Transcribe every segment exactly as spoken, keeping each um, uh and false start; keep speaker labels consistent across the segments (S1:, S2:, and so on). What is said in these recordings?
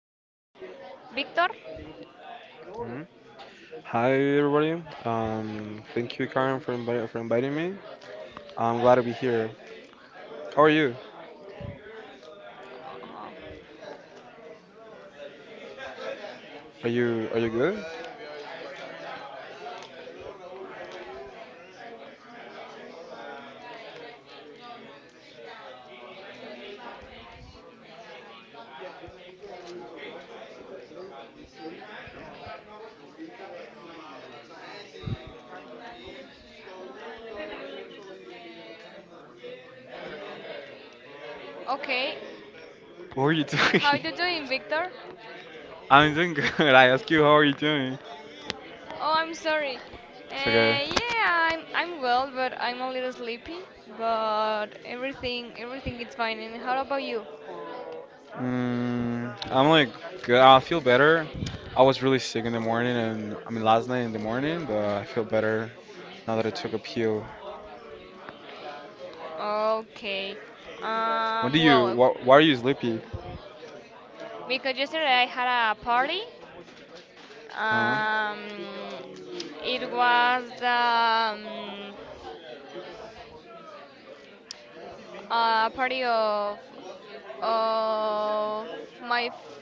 S1: guest, Victor.
S2: Mhm. Hi everybody. Um, thank you, Karen, for invi- for inviting me. I'm glad to be here. How are you?
S1: Oh,
S2: Are you are you good?
S1: okay,
S2: What are you
S1: how
S2: doing?
S1: you doing, Victor?
S2: I'm doing good. I ask you, how are you doing?
S1: Oh, I'm sorry.
S2: It's okay.
S1: Uh, yeah, I'm I'm well, but I'm a little sleepy. But everything everything is fine. And how about you?
S2: Mm, I'm like good. I feel better. I was really sick in the morning, and I mean last night in the morning, but I feel better now that I took a pill.
S1: Okay.
S2: When do
S1: Um.
S2: you?
S1: Well,
S2: Wh- why are you sleepy?
S1: because yesterday I had a party.
S2: Uh huh.
S1: Um. It was the. Um, a party of of my f-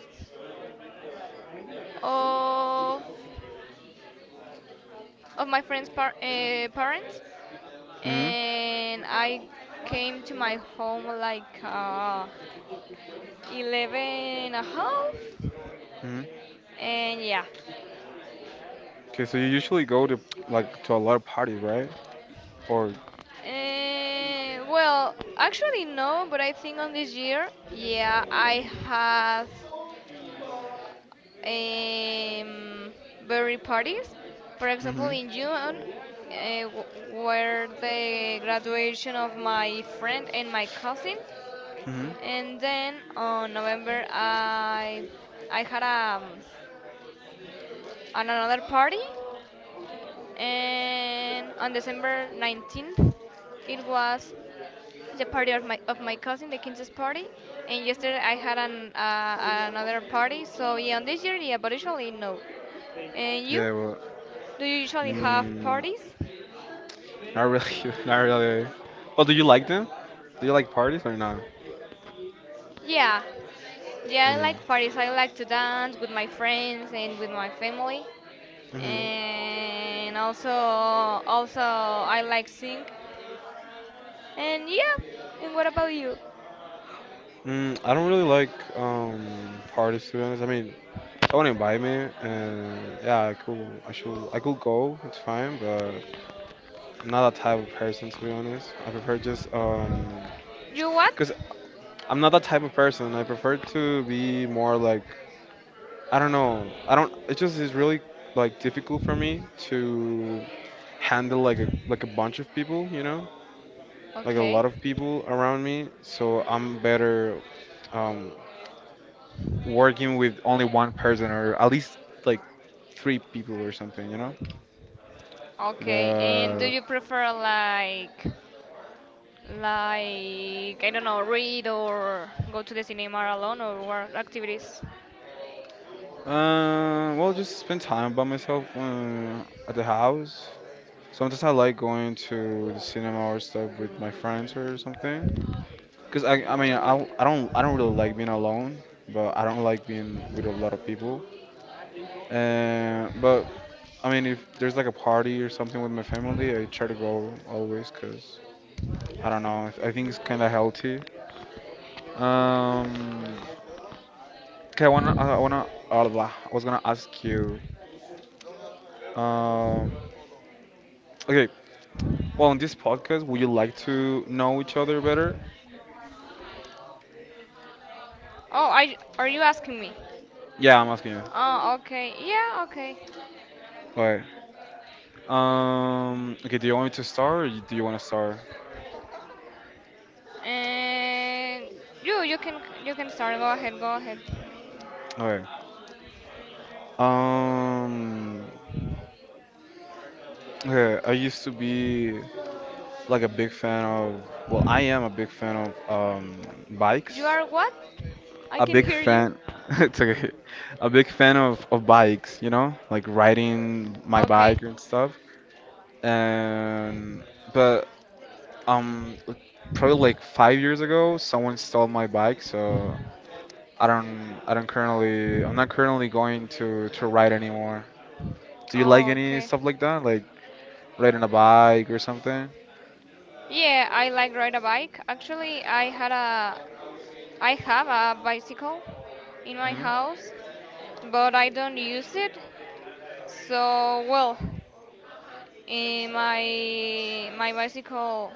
S1: of, of my friend's par- uh, parents,
S2: Hmm.
S1: and I came to my home like uh, eleven and a half,
S2: Hmm.
S1: and yeah.
S2: Okay, so you usually go to like to a lot of parties, right? Or.
S1: Uh, well, actually no, but I think on this year, yeah, I have um, very parties. For example,
S2: Mm-hmm.
S1: in June, uh, w- were the graduation of my friend and my cousin,
S2: Mm-hmm.
S1: and then on November I I had um, an another party, and on December nineteenth it was the party of my of my cousin, the Kinses party, and yesterday I had an uh, another party. So yeah, on this year yeah, but usually no. And you?
S2: Yeah. Well.
S1: Do you usually have
S2: Mm,
S1: parties?
S2: not really. Not really. Well, do you like them? Do you like parties or not?
S1: Yeah, yeah, I
S2: Mm.
S1: like parties. I like to dance with my friends and with my family,
S2: Mm-hmm.
S1: and also also I like sing. And yeah, and what about you?
S2: Mm, I don't really like um parties, to be honest. I mean, someone invite me, and yeah, I could, I should, I could go. It's fine, but I'm not that type of person, to be honest. I prefer just um,
S1: You what?
S2: cause I'm not that type of person. I prefer to be more like I don't know. I don't. It just is really like difficult for me to handle like a like a bunch of people. You know, like a
S1: Okay,
S2: lot of people around me. So I'm better um, working with only one person or at least like three people or something. You know.
S1: okay. And do
S2: But
S1: you prefer like like I don't know, read or go to the cinema alone or what activities?
S2: uh, well, just spend time by myself uh, at the house. Sometimes I like going to the cinema or stuff with my friends or something. Cause I, I mean, I, I don't, I don't really like being alone, but I don't like being with a lot of people. Uh, but I mean, if there's like a party or something with my family, I try to go always, cause I don't know, I think it's kind of healthy. Um, okay, I wanna, I wanna, uh, blah, I was gonna ask you. Um, okay, well, in this podcast, would you like to know each other better?
S1: Oh, I are you asking me?
S2: Yeah, I'm asking you.
S1: Oh, okay. Yeah, okay.
S2: Okay. Um, okay, do you want me to start or do you want to start?
S1: And you, you can, you can start. Go ahead, go ahead.
S2: Okay. Um, okay, I used to be like a big fan of, well, I am a big fan of um
S1: You
S2: bikes.
S1: are what? I
S2: A
S1: can
S2: big
S1: hear you.
S2: fan, it's okay. A big fan of of bikes, you know, like riding my
S1: Okay.
S2: bike and stuff. And but um, probably like five years ago, someone stole my bike, so I don't, I don't currently, I'm not currently going to to ride anymore. Do you like
S1: Oh,
S2: any
S1: okay.
S2: stuff like that, like riding a bike or something?
S1: Yeah, I like ride a bike. Actually, I had a, I have a bicycle in my
S2: Hmm.
S1: house, but I don't use it. So well, eh, my my bicycle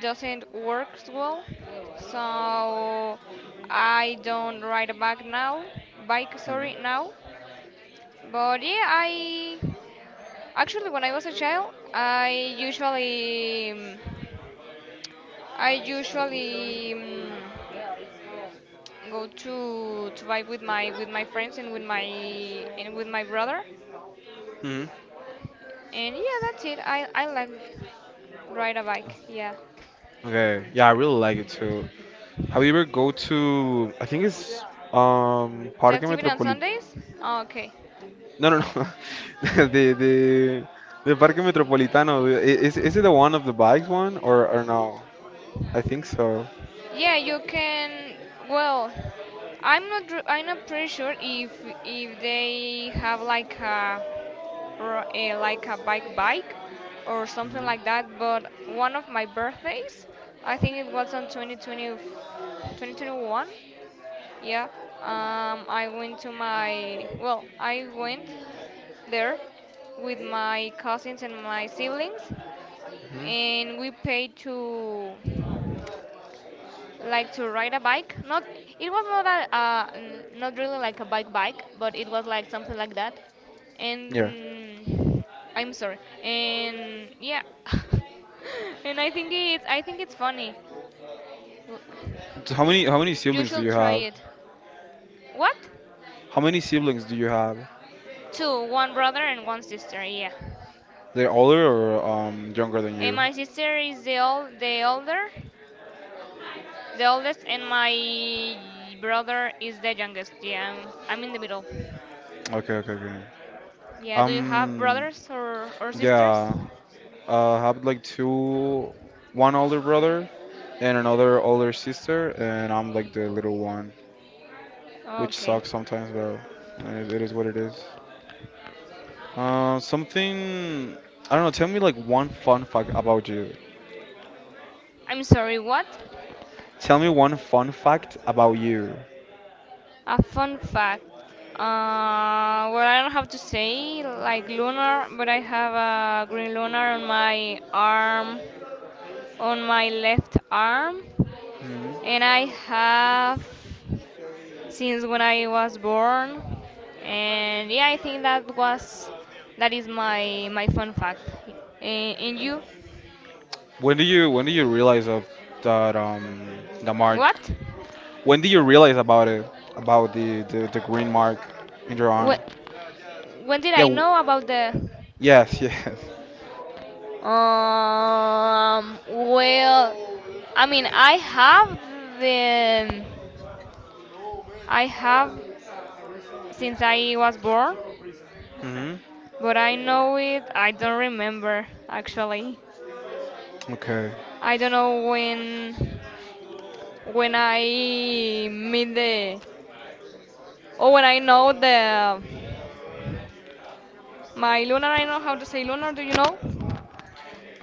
S1: doesn't works well, so I don't ride a bike now. Bike,
S2: Hmm.
S1: sorry, now. But yeah, I actually when I was a child, I usually um, I usually um, go to to buy with my with my friends and with my and with my brother.
S2: Hmm.
S1: And yeah, that's it. I I like ride a bike. Yeah.
S2: Okay. Yeah, I really like it too. Have you ever go to? I think it's um
S1: The
S2: Parque
S1: activity on
S2: Metropolitano.
S1: Sundays? Okay.
S2: No, no, no. the the the Parque Metropolitano. I- Is is it the one of the bikes one or or no? I think so.
S1: Yeah, you can. Well, I'm not. r- I'm not pretty sure if if they have like a or uh, like a bike bike or something
S2: Hmm.
S1: like that. But one of my birthdays, I think it was on twenty twenty, two thousand twenty-one. Yeah, um, I went to my well, I went there with my cousins and my siblings,
S2: Hmm.
S1: and we paid to like to ride a bike. Not it was not a uh, n- not really like a bike bike, but it was like something like that.
S2: Yeah.
S1: And I'm sorry. And yeah, and I think it's I think it's funny. L-
S2: So how many how many
S1: You
S2: siblings do
S1: should
S2: you
S1: try
S2: have?
S1: it. What?
S2: How many siblings do you have?
S1: Two, one brother and one sister. Yeah.
S2: They're older or um younger than
S1: And
S2: you?
S1: my sister is the old the older, the oldest, and my brother is the youngest. Yeah, I'm, I'm in the middle.
S2: Okay, okay, okay.
S1: Yeah, do you have
S2: Um,
S1: brothers or, or sisters?
S2: yeah. I have like two, one older brother and another older sister, and I'm like the little one, which
S1: Okay.
S2: sucks sometimes, but I mean, it, it is what it is. Uh, something, I don't know, tell me like one fun fact about you.
S1: I'm sorry, what?
S2: Tell me one fun fact about you.
S1: A fun fact. Uh, well, I don't have to say like lunar, but I have a green lunar on my arm, on my left arm,
S2: Mhm.
S1: and I have since when I was born. And yeah, I think that was that is my my fun fact. And, and you,
S2: When do you when do you realize of that um the mark?
S1: what?
S2: When do you realize about it? About the the, the green mark in your arm?
S1: What? When did
S2: Yeah.
S1: I
S2: w-
S1: know about the?
S2: Yes. Yes.
S1: Um, well, I mean, I have the, I have since I was born,
S2: Hmm.
S1: but I know it. I don't remember actually.
S2: Okay.
S1: I don't know when, when I meet the, or when I know the, my lunar. I know how to say lunar. Do you know?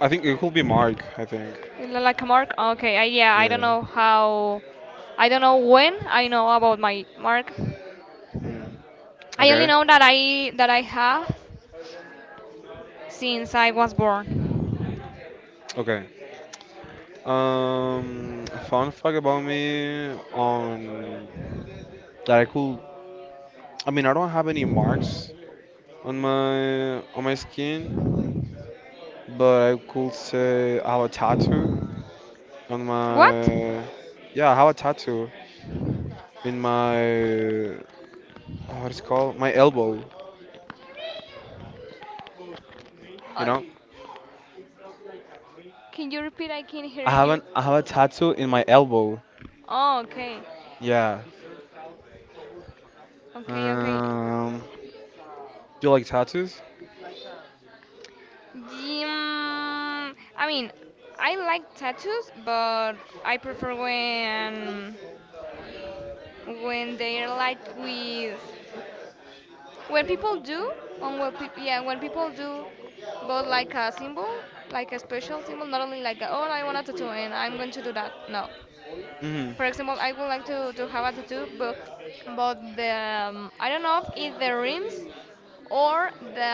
S2: I think it could be Mark, I think.
S1: Like a mark. Okay. I, yeah. I don't
S2: Yeah.
S1: know how. I don't know when I know about my mark.
S2: Hmm.
S1: I only
S2: Okay.
S1: know that I that I have. Since I was born.
S2: Okay. Um, fun fact about me on that I could. I mean, I don't have any marks on my on my skin, but I could say I have a tattoo on
S1: What?
S2: my. Yeah, I have a tattoo in my. What is it called? My elbow. You
S1: Uh,
S2: know,
S1: can you repeat? I can hear
S2: I have
S1: you.
S2: an I have a tattoo in my elbow.
S1: Oh, okay.
S2: Yeah.
S1: Okay, okay.
S2: Um, do you like tattoos?
S1: Mm, I mean, I like tattoos, but I prefer when when they're like with when people do on what peop yeah when people do but like a symbol like a special symbol, not only like a, oh I want a tattoo and I'm going to do that, no.
S2: Hmm.
S1: For example, I would like to, to have a tattoo, but, but the um, I don't know if the rims or the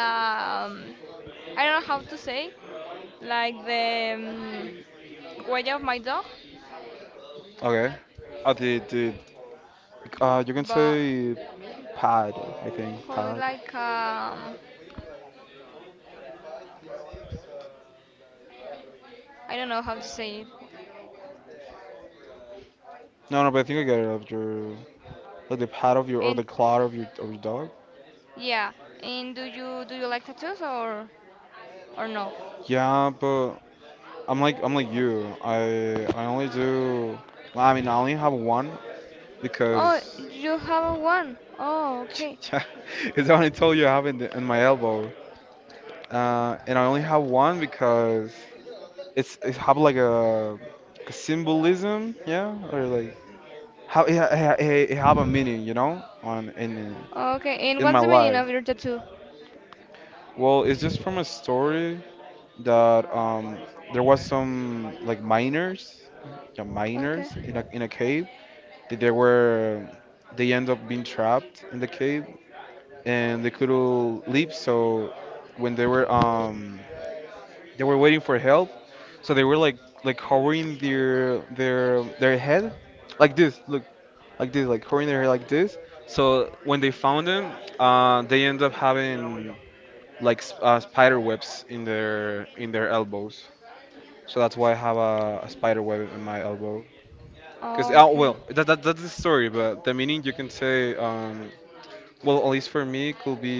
S1: um, I don't know how to say like the um, huella of my dog,
S2: Okay. Uh, the the uh, You can
S1: but
S2: say pad. I think
S1: probably
S2: pad.
S1: like um, I don't know how to say it.
S2: No, no, but I think I get it. After like the pad of your or
S1: And
S2: the claw of your of your dog.
S1: yeah, and do you do you like tattoos or or no?
S2: Yeah, but I'm like I'm like you. I I only do. Well, I mean, I only have one
S1: Oh,
S2: because
S1: you have one. Oh, okay.
S2: it's the only tool you have in, the, in my elbow. Uh, and I only have one because it's it have like a, like a symbolism, yeah, or like how it, ha- it, ha- it have a meaning, you know, on in
S1: Okay, and
S2: in my
S1: what's the meaning
S2: life.
S1: of your tattoo?
S2: Well, it's just from a story that um there was some like miners, yeah,
S1: Okay.
S2: miners in a in a cave. Th- They were they end up being trapped in the cave and they couldn't leave. So when they were um they were waiting for help, so they were like like covering their their their head like this. Look like this, like covering their head like this. So when they found them, uh, they end up having like s- uh, spider webs in their in their elbows. So that's why I have a, a spider web in my elbow. Cause oh
S1: Okay.
S2: well, that, that that's the story, but the meaning you can say um Well, at least for me, it could be.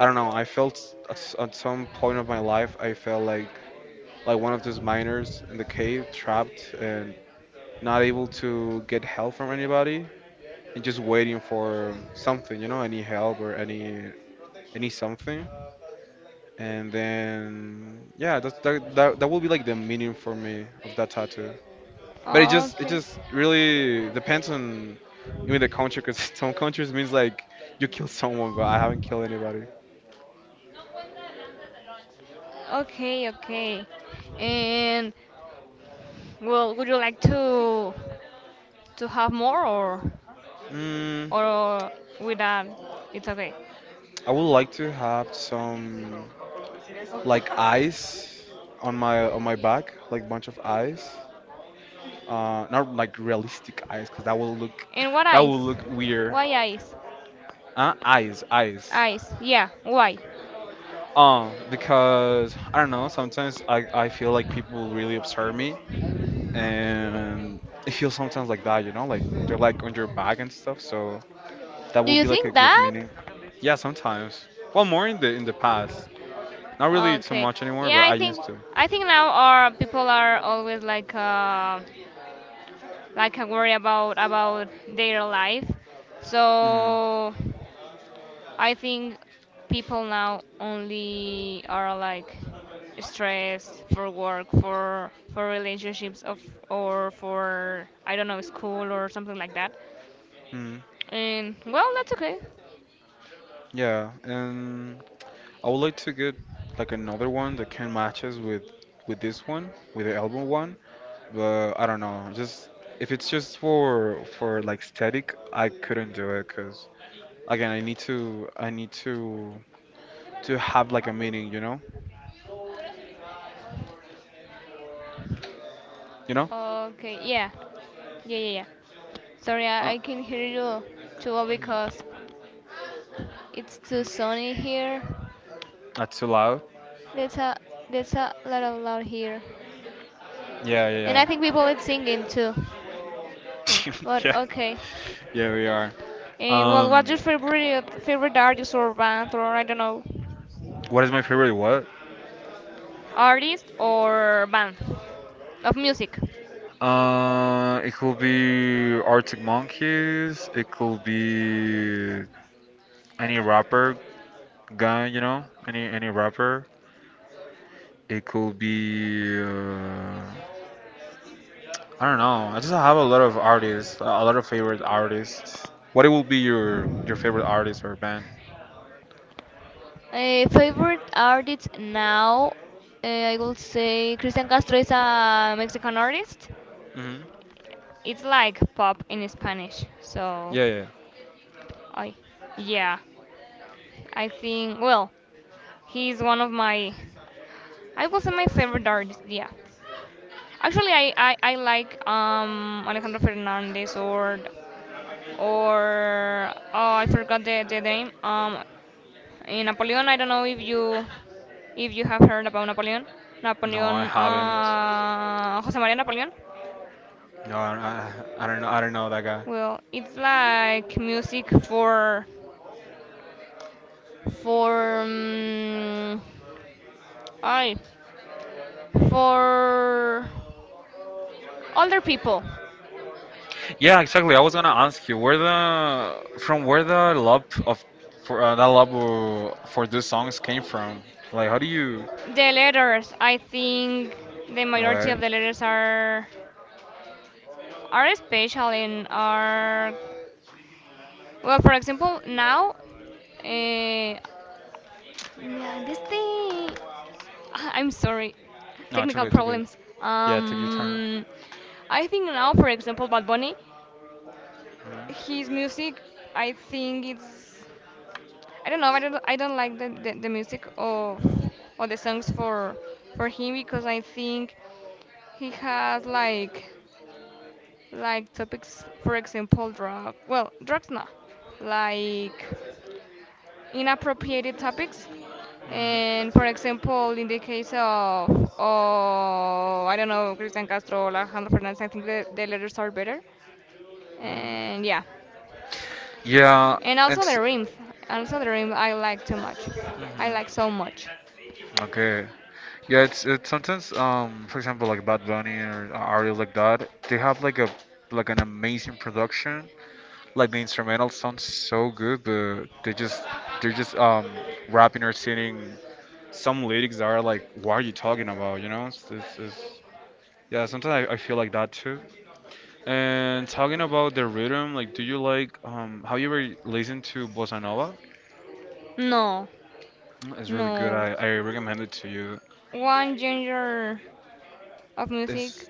S2: I don't know. I felt s- at, s- at some point of my life, I felt like like one of those miners in the cave, trapped and not able to get help from anybody, and just waiting for something. You know, any help or any any something. And then yeah, that that that, that will be like the meaning for me of that tattoo. But it just it
S1: Okay.
S2: just really depends on even the country, because some countries means like you kill someone, but I haven't killed anybody.
S1: Okay, okay. And well, would you like to to have more or
S2: Mm,
S1: or with that it's okay.
S2: I would like to have some like eyes on my on my back, like bunch of eyes. Uh, not like realistic eyes, cause that will look
S1: And what
S2: that
S1: eyes?
S2: will look weird.
S1: Why eyes?
S2: Uh, eyes, eyes.
S1: Eyes. Yeah, why?
S2: Um, because I don't know. Sometimes I I feel like people really observe me, and it feels sometimes like that, you know, like they're like on your back and stuff. So that
S1: Do
S2: will
S1: you
S2: be like a
S1: think
S2: good
S1: that?
S2: meaning. Yeah, sometimes. Well, more in the in the past. Not really too
S1: Okay.
S2: much anymore,
S1: Yeah,
S2: but I
S1: I
S2: used
S1: think
S2: to.
S1: I think now our people are always like uh like uh, worry about about their life.
S2: Hmm.
S1: So I think people now only are like stressed for work, for for relationships of or for I don't know school or something like that.
S2: Hmm.
S1: And well, that's okay.
S2: Yeah, and I would like to get like another one that can matches with with this one, with the album one, but I don't know. Just if it's just for for like static, I couldn't do it because again, I need to I need to to have like a meaning, you know, you know.
S1: Okay, yeah. Yeah, yeah, yeah. Sorry, I,
S2: Uh,
S1: I can hear you too well because it's too
S2: mm.
S1: sunny here.
S2: Not too loud.
S1: There's a there's a lot of loud here.
S2: Yeah, yeah,
S1: And I think
S2: yeah.
S1: people are singing too. But
S2: Yeah,
S1: okay.
S2: yeah, we are.
S1: And well,
S2: Um,
S1: what's your favorite favorite artist or band or I don't know?
S2: what is my favorite what?
S1: Artist or band of music?
S2: Uh, it could be Arctic Monkeys. It could be any rapper guy, you know, any any rapper. It could be uh, I don't know. I just have a lot of artists, a lot of favorite artists. What it would be your your favorite artist or band?
S1: Uh, favorite artist now, uh, I would say Christian Castro is a Mexican artist.
S2: Hmm.
S1: It's like pop in Spanish, so
S2: Yeah, yeah.
S1: I, yeah, I think, well, he's one of my, I would say my favorite artist, yeah. Actually, I, I, I like um Alejandro Fernandez or, or, oh, I forgot the, the name, um, in Napoleon, I don't know if you. If you have heard about Napoleon,
S2: No, I
S1: Napoleon,
S2: haven't.
S1: uh, Jose Maria Napoleon,
S2: No, I, I I don't know. I don't know that guy.
S1: well, it's like music for, for, um, I, for older people.
S2: Yeah, exactly. I was gonna ask you where the from where the love of for uh, that love uh, for these songs came from. Like, how do you?
S1: The letters, I think the majority of
S2: Okay.
S1: the letters are are special and are well. For example, now, uh, yeah, this thing. Ah, I'm sorry,
S2: No, it's okay.
S1: technical
S2: It's okay.
S1: problems.
S2: Yeah, take your time.
S1: Um, I think now, for example, Bad Bunny,
S2: Mhm,
S1: his music, I think it's, I don't know, I don't, I don't like the, the, the music of or the songs for for him because I think he has like like topics, for example, drug, well, drugs, no, like inappropriate topics. And for
S2: mhm,
S1: example, in the case of, oh, I don't know, Cristian Castro or Alejandro Fernandez, I think the, the letters are better.
S2: mhm.
S1: And yeah.
S2: Yeah,
S1: And also the
S2: it's
S1: rims. Also the rim I like too much. I like
S2: mhm.
S1: so much.
S2: okay. Yeah, it's it's sometimes um for example like Bad Bunny or artists like that they have like a like an amazing production. Like the instrumental sounds so good, but they just they're just um rapping or singing some lyrics are like, what are you talking about? You know, it's, it's, it's Yeah. Sometimes I, I feel like that too. And talking about the rhythm, like, do you like um? Have you ever listened to bossa nova?
S1: No,
S2: Mm, It's really good.
S1: no.
S2: I I recommend it to you.
S1: One genre of music,
S2: It's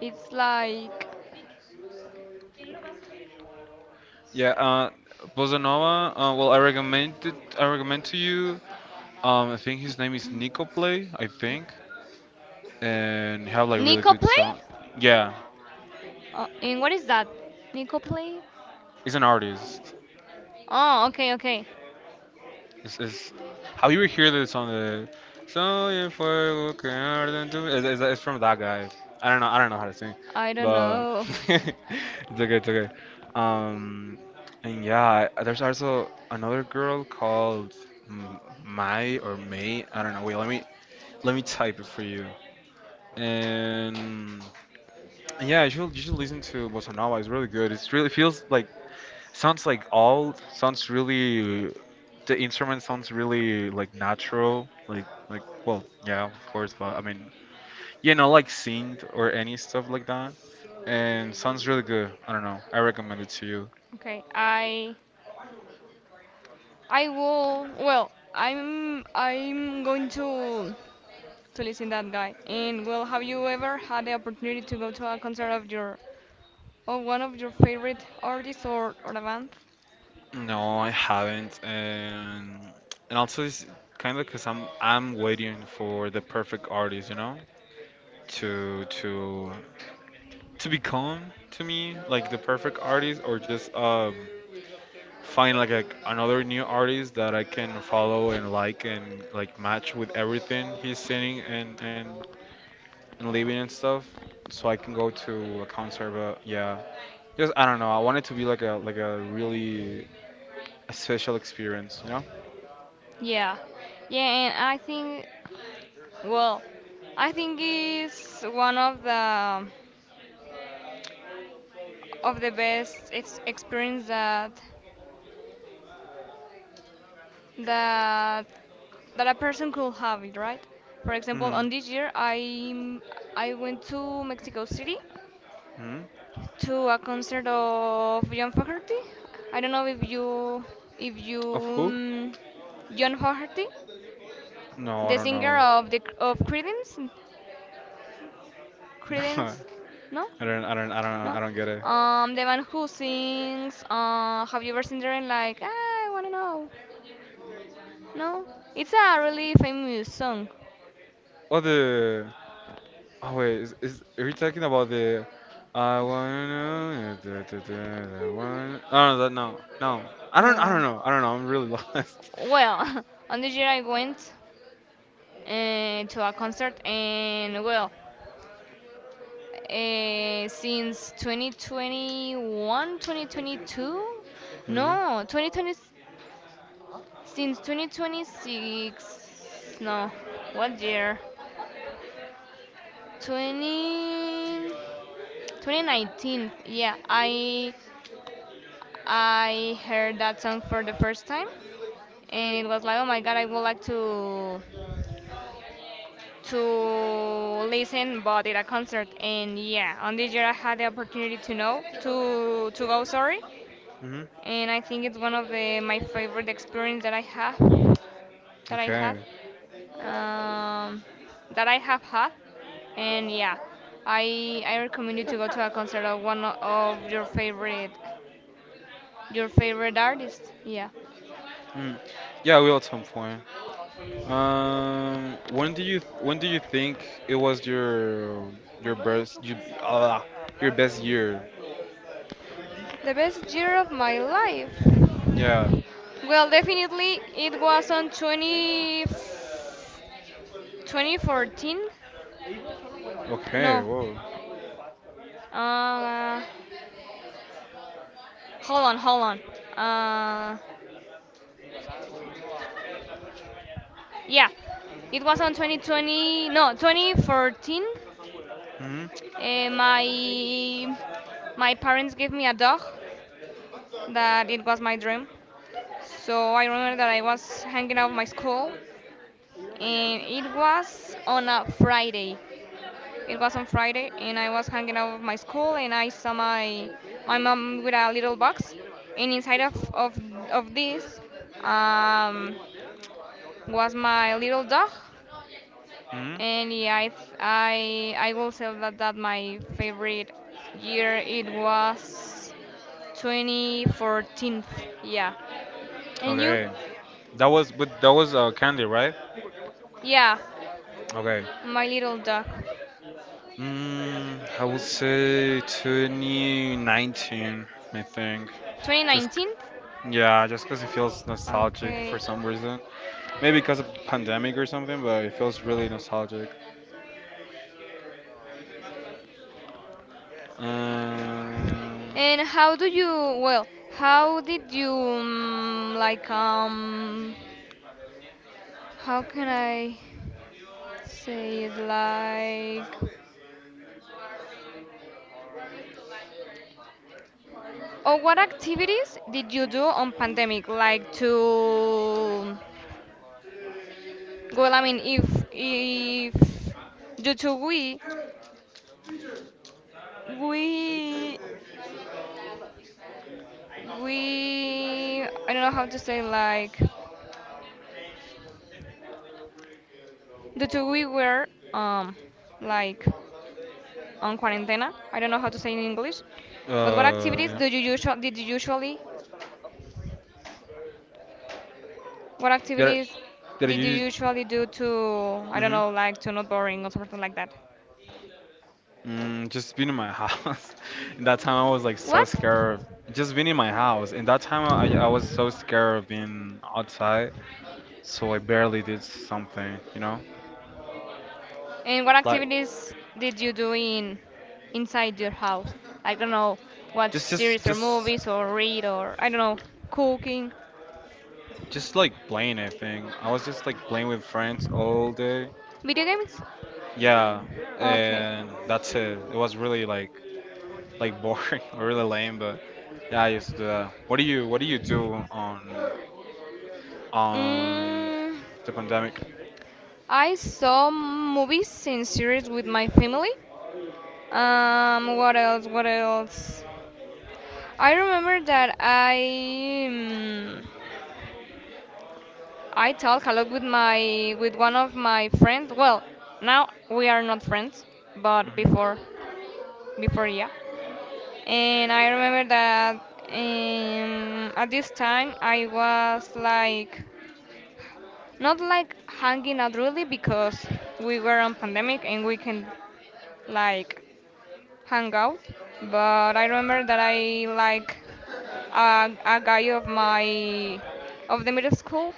S1: it's like
S2: yeah. Uh, bossa nova. Uh, well, I recommend it. I recommend to you. Um, I think his name is Nico Play. I think, and he have like really
S1: Nico
S2: good
S1: play?
S2: song. Yeah,
S1: Uh, and what is that? Nico play?
S2: he's an artist.
S1: Oh, okay, okay.
S2: It's, it's how you would hear this on the "Soy el fuego que arde en tu-". It's, it's, it's from that guy. I don't know. I don't know how to sing,
S1: I don't
S2: but
S1: know.
S2: it's okay. It's okay. Um, and yeah, I- there's also another girl called M- Mai or May. I don't know. Wait, let me let me type it for you. And yeah, you should you should listen to Bossa Nova. It's really good. It's really feels like sounds like old. Sounds really the instrument sounds really like natural, like like well, yeah, of course, but I mean, you know, like synth or any stuff like that, and sounds really good. I don't know. I recommend it to you.
S1: Okay, I I will. Well, I'm. I'm going to to listen that guy. And well, have you ever had the opportunity to go to a concert of your of one of your favorite artists or or a band?
S2: No, I haven't, and and also it's kind of because I'm I'm waiting for the perfect artist, you know, to to to become to me like the perfect artist or just um find like a, another new artist that I can follow and like and like match with everything he's singing and and, and living and stuff, so I can go to a concert, but yeah, just I don't know, I want it to be like a like a really a special experience you know
S1: Yeah, yeah. And I think. Well, I think it's one of the of the best ex- experience that that that a person could have, it, right? For example,
S2: Hmm.
S1: on this year, I I went to Mexico City
S2: Hmm.
S1: to a concert of John Fogerty. I don't know if you if you
S2: Of who?
S1: um, John Fogerty,
S2: No, I
S1: the
S2: don't know.
S1: singer of the of Creedence,
S2: No,
S1: Creedence, no,
S2: I don't I don't I don't
S1: no,
S2: I don't get it.
S1: um, the one who sings. Uh, have you ever seen there? And like I wanna know. No, it's a really famous song.
S2: Oh, the— Oh wait, is, is are you talking about the "I wanna know da, da, da, da, da, wanna-". Oh no, that no, no. I don't I don't
S1: No,
S2: know. I don't know. I'm really lost.
S1: well, on this year I went uh, to a concert and well. Uh, since twenty twenty-one, twenty twenty-two?
S2: Mhm.
S1: No, twenty twenty, since twenty twenty-six. No, what year? twenty twenty nineteen. Yeah, I I heard that song for the first time, and it was like, oh my god, I would like to to listen, but at a concert. And yeah, on this year I had the opportunity to know to to go. Sorry,
S2: Mhm.
S1: and I think it's one of the my favorite experience that I have that I have
S2: Okay.
S1: um, that I have had. And yeah, I I recommend you to go to a concert of one of your favorite your favorite artist, yeah.
S2: Mm. Yeah, we will at some point. Um, when do you when do you think it was your your best you uh, your best year?
S1: The best year of my life,
S2: Yeah.
S1: well, definitely it was on 20 2014
S2: Okay.
S1: no
S2: Whoa.
S1: uh hold on hold on uh Yeah, it was on 2020, no, twenty fourteen.
S2: Hmm.
S1: Uh, my my parents gave me a dog that it was my dream. So I remember that I was hanging out of my school, and it was on a Friday. It was on Friday, and I was hanging out of my school, and I saw my my mom with a little box, and inside of of, of this um, was my little dog.
S2: Hmm.
S1: And yeah, I th- I I will say that that my favorite year it was twenty fourteen. Yeah. And you?
S2: Okay. That was with that was uh, Candy, right?
S1: Yeah,
S2: Okay.
S1: my little dog.
S2: Mm, I would say two thousand nineteen, I think. Just
S1: twenty nineteen?
S2: yeah, just because it feels nostalgic for
S1: Okay.
S2: some reason. Maybe because of the pandemic or something, but it feels really nostalgic. Um,
S1: And how do you well, how did you um, like um how can I say it like or what activities did you do on pandemic like to? Well, I mean, if if due to we we we I don't know how to say like due to we were um like on quarantena. I don't know how to say in English. But what
S2: uh,
S1: activities
S2: yeah.
S1: do you usually did you usually what
S2: Did I,
S1: activities
S2: did I
S1: did you
S2: use?
S1: usually do to, I don't
S2: Mm-hmm.
S1: know, like to not boring or something like that?
S2: Mm, just been in my house. In that time, I was like so
S1: What?
S2: scared. of- Just being in my house. In that time, I, I was so scared of being outside, so I barely did something. You know,
S1: And what
S2: like
S1: activities did you do in inside your house? I don't know, watch
S2: just just
S1: series or
S2: just
S1: movies or read or I don't know, cooking,
S2: just like playing. I think I was just like playing with friends all day.
S1: video games.
S2: Yeah,
S1: Okay.
S2: and that's it. It was really like like boring, or really lame. But yeah, I used to do that. What do you What do you do on on
S1: Mm,
S2: the pandemic?
S1: I saw movies and series with my family. Um, what else? What else? I remember that I mm, I talk a lot with my with one of my friends. Well, now we are not friends, but
S2: Hmm.
S1: before before Yeah. And I remember that um, at this time I was like not like hanging out really because we were on pandemic and we can like hang out. But I remember that I like a, a guy of my of the middle school,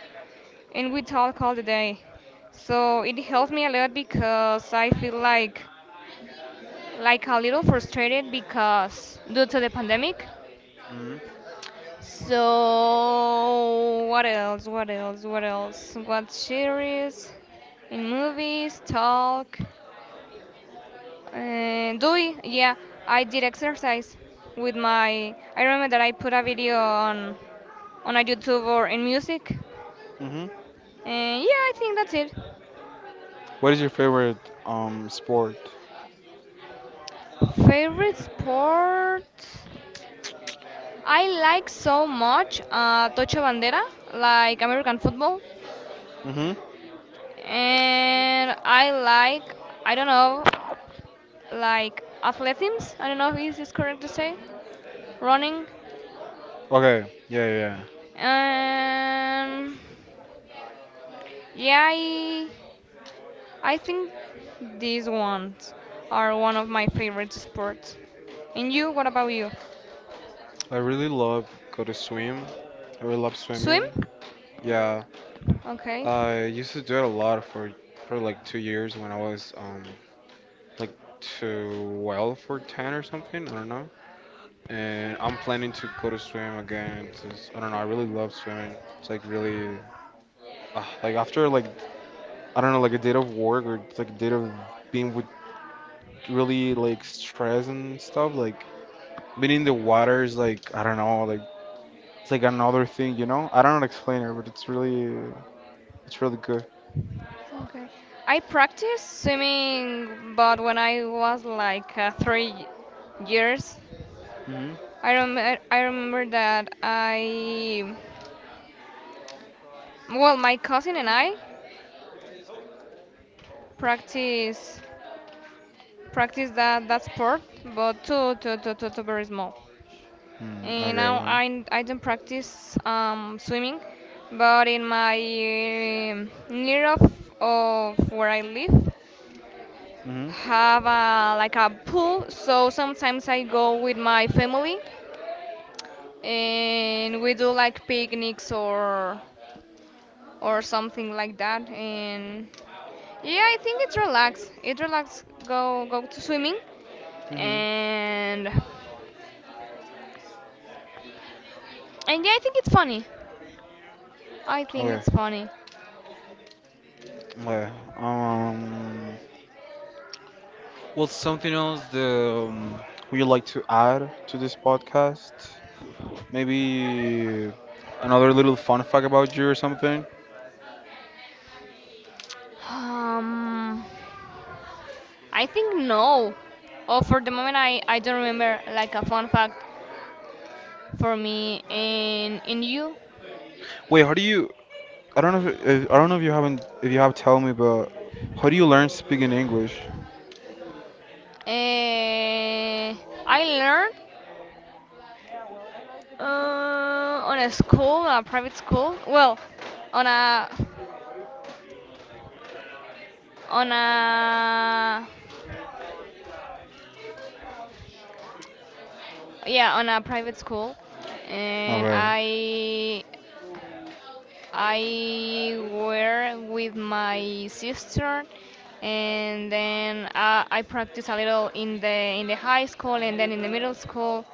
S1: and we talk all the day. So it helped me a lot because I feel like like a little frustrated because due to the pandemic.
S2: Hmm.
S1: So, what else? What else? What else? What series? In movies, talk. Uh, doing, yeah, I did exercise with my. I remember that I put a video on on a YouTube or in music.
S2: Mhm.
S1: And yeah, I think that's it.
S2: What is your favorite um sport?
S1: Favorite sport? I like so much uh, tocho Bandera, like American football.
S2: Mhm.
S1: And I like, I don't know, like athletics. I don't know if it's correct to say running.
S2: Okay. Yeah, yeah, yeah.
S1: Um, yeah, I, I think these ones are one of my favorite sports. And you, what about you?
S2: I really love go to swim. I really love
S1: Swim?
S2: swimming. Yeah.
S1: Okay.
S2: I used to do it a lot for for like two years when I was um like twelve or ten or something. I don't know. And I'm planning to go to swim again. It's just, I don't know. I really love swimming. It's like really uh, like after like I don't know like a day of work or it's like a day of being with really like stress and stuff like being in the water is like I don't know, like it's like another thing, you know? I don't know how to explain it, but it's really it's really good.
S1: Okay. I practiced swimming, but when I was like uh, three years,
S2: Mhm.
S1: I remember I remember that I, well, my cousin and I practiced practice that, that sport, but too, too, too, too, too very small.
S2: Mm,
S1: And
S2: okay,
S1: now
S2: well,
S1: I, I don't practice um, swimming, but in my um, near of, of where I live,
S2: Mhm.
S1: have a, like a pool. So sometimes I go with my family, and we do like picnics or or something like that. And yeah, I think it's relax. It relax. Go go to swimming,
S2: Mhm.
S1: and and yeah, I think it's funny. I think
S2: Okay,
S1: it's funny.
S2: okay. Um, Well, something else that um, would you like to add to this podcast? Maybe another little fun fact about you or something.
S1: Um, I think no. Oh, for the moment, I, I don't remember like a fun fact for me and in you.
S2: Wait, how do you? I don't know. If, if- I don't know if you haven't if you have, tell me, but how do you learn speaking English?
S1: Uh, I learned uh, on a school, on a private school. Well, on a on a yeah on a private school, and
S2: Okay.
S1: I I were with my sister, and then uh, I practiced a little in the in the high school and then in the middle school,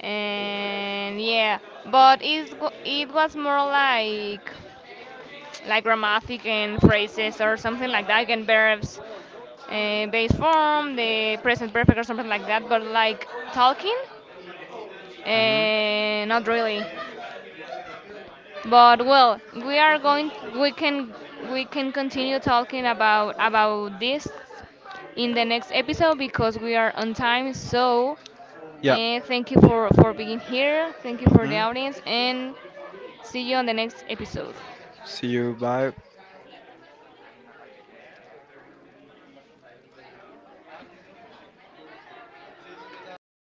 S1: and yeah. But it wa- it was more like like grammatic and phrases or something like that, and verbs, uh, base form, the present perfect or something like that. But like talking,
S2: Mhm.
S1: uh, not really. But well, we are going. We can we can continue talking about about this in the next episode because we are on time. So
S2: Yeah.
S1: uh, thank you for for being here. Thank you for the
S2: Hmm?
S1: audience, and see you on the next episode.
S2: See you. Bye.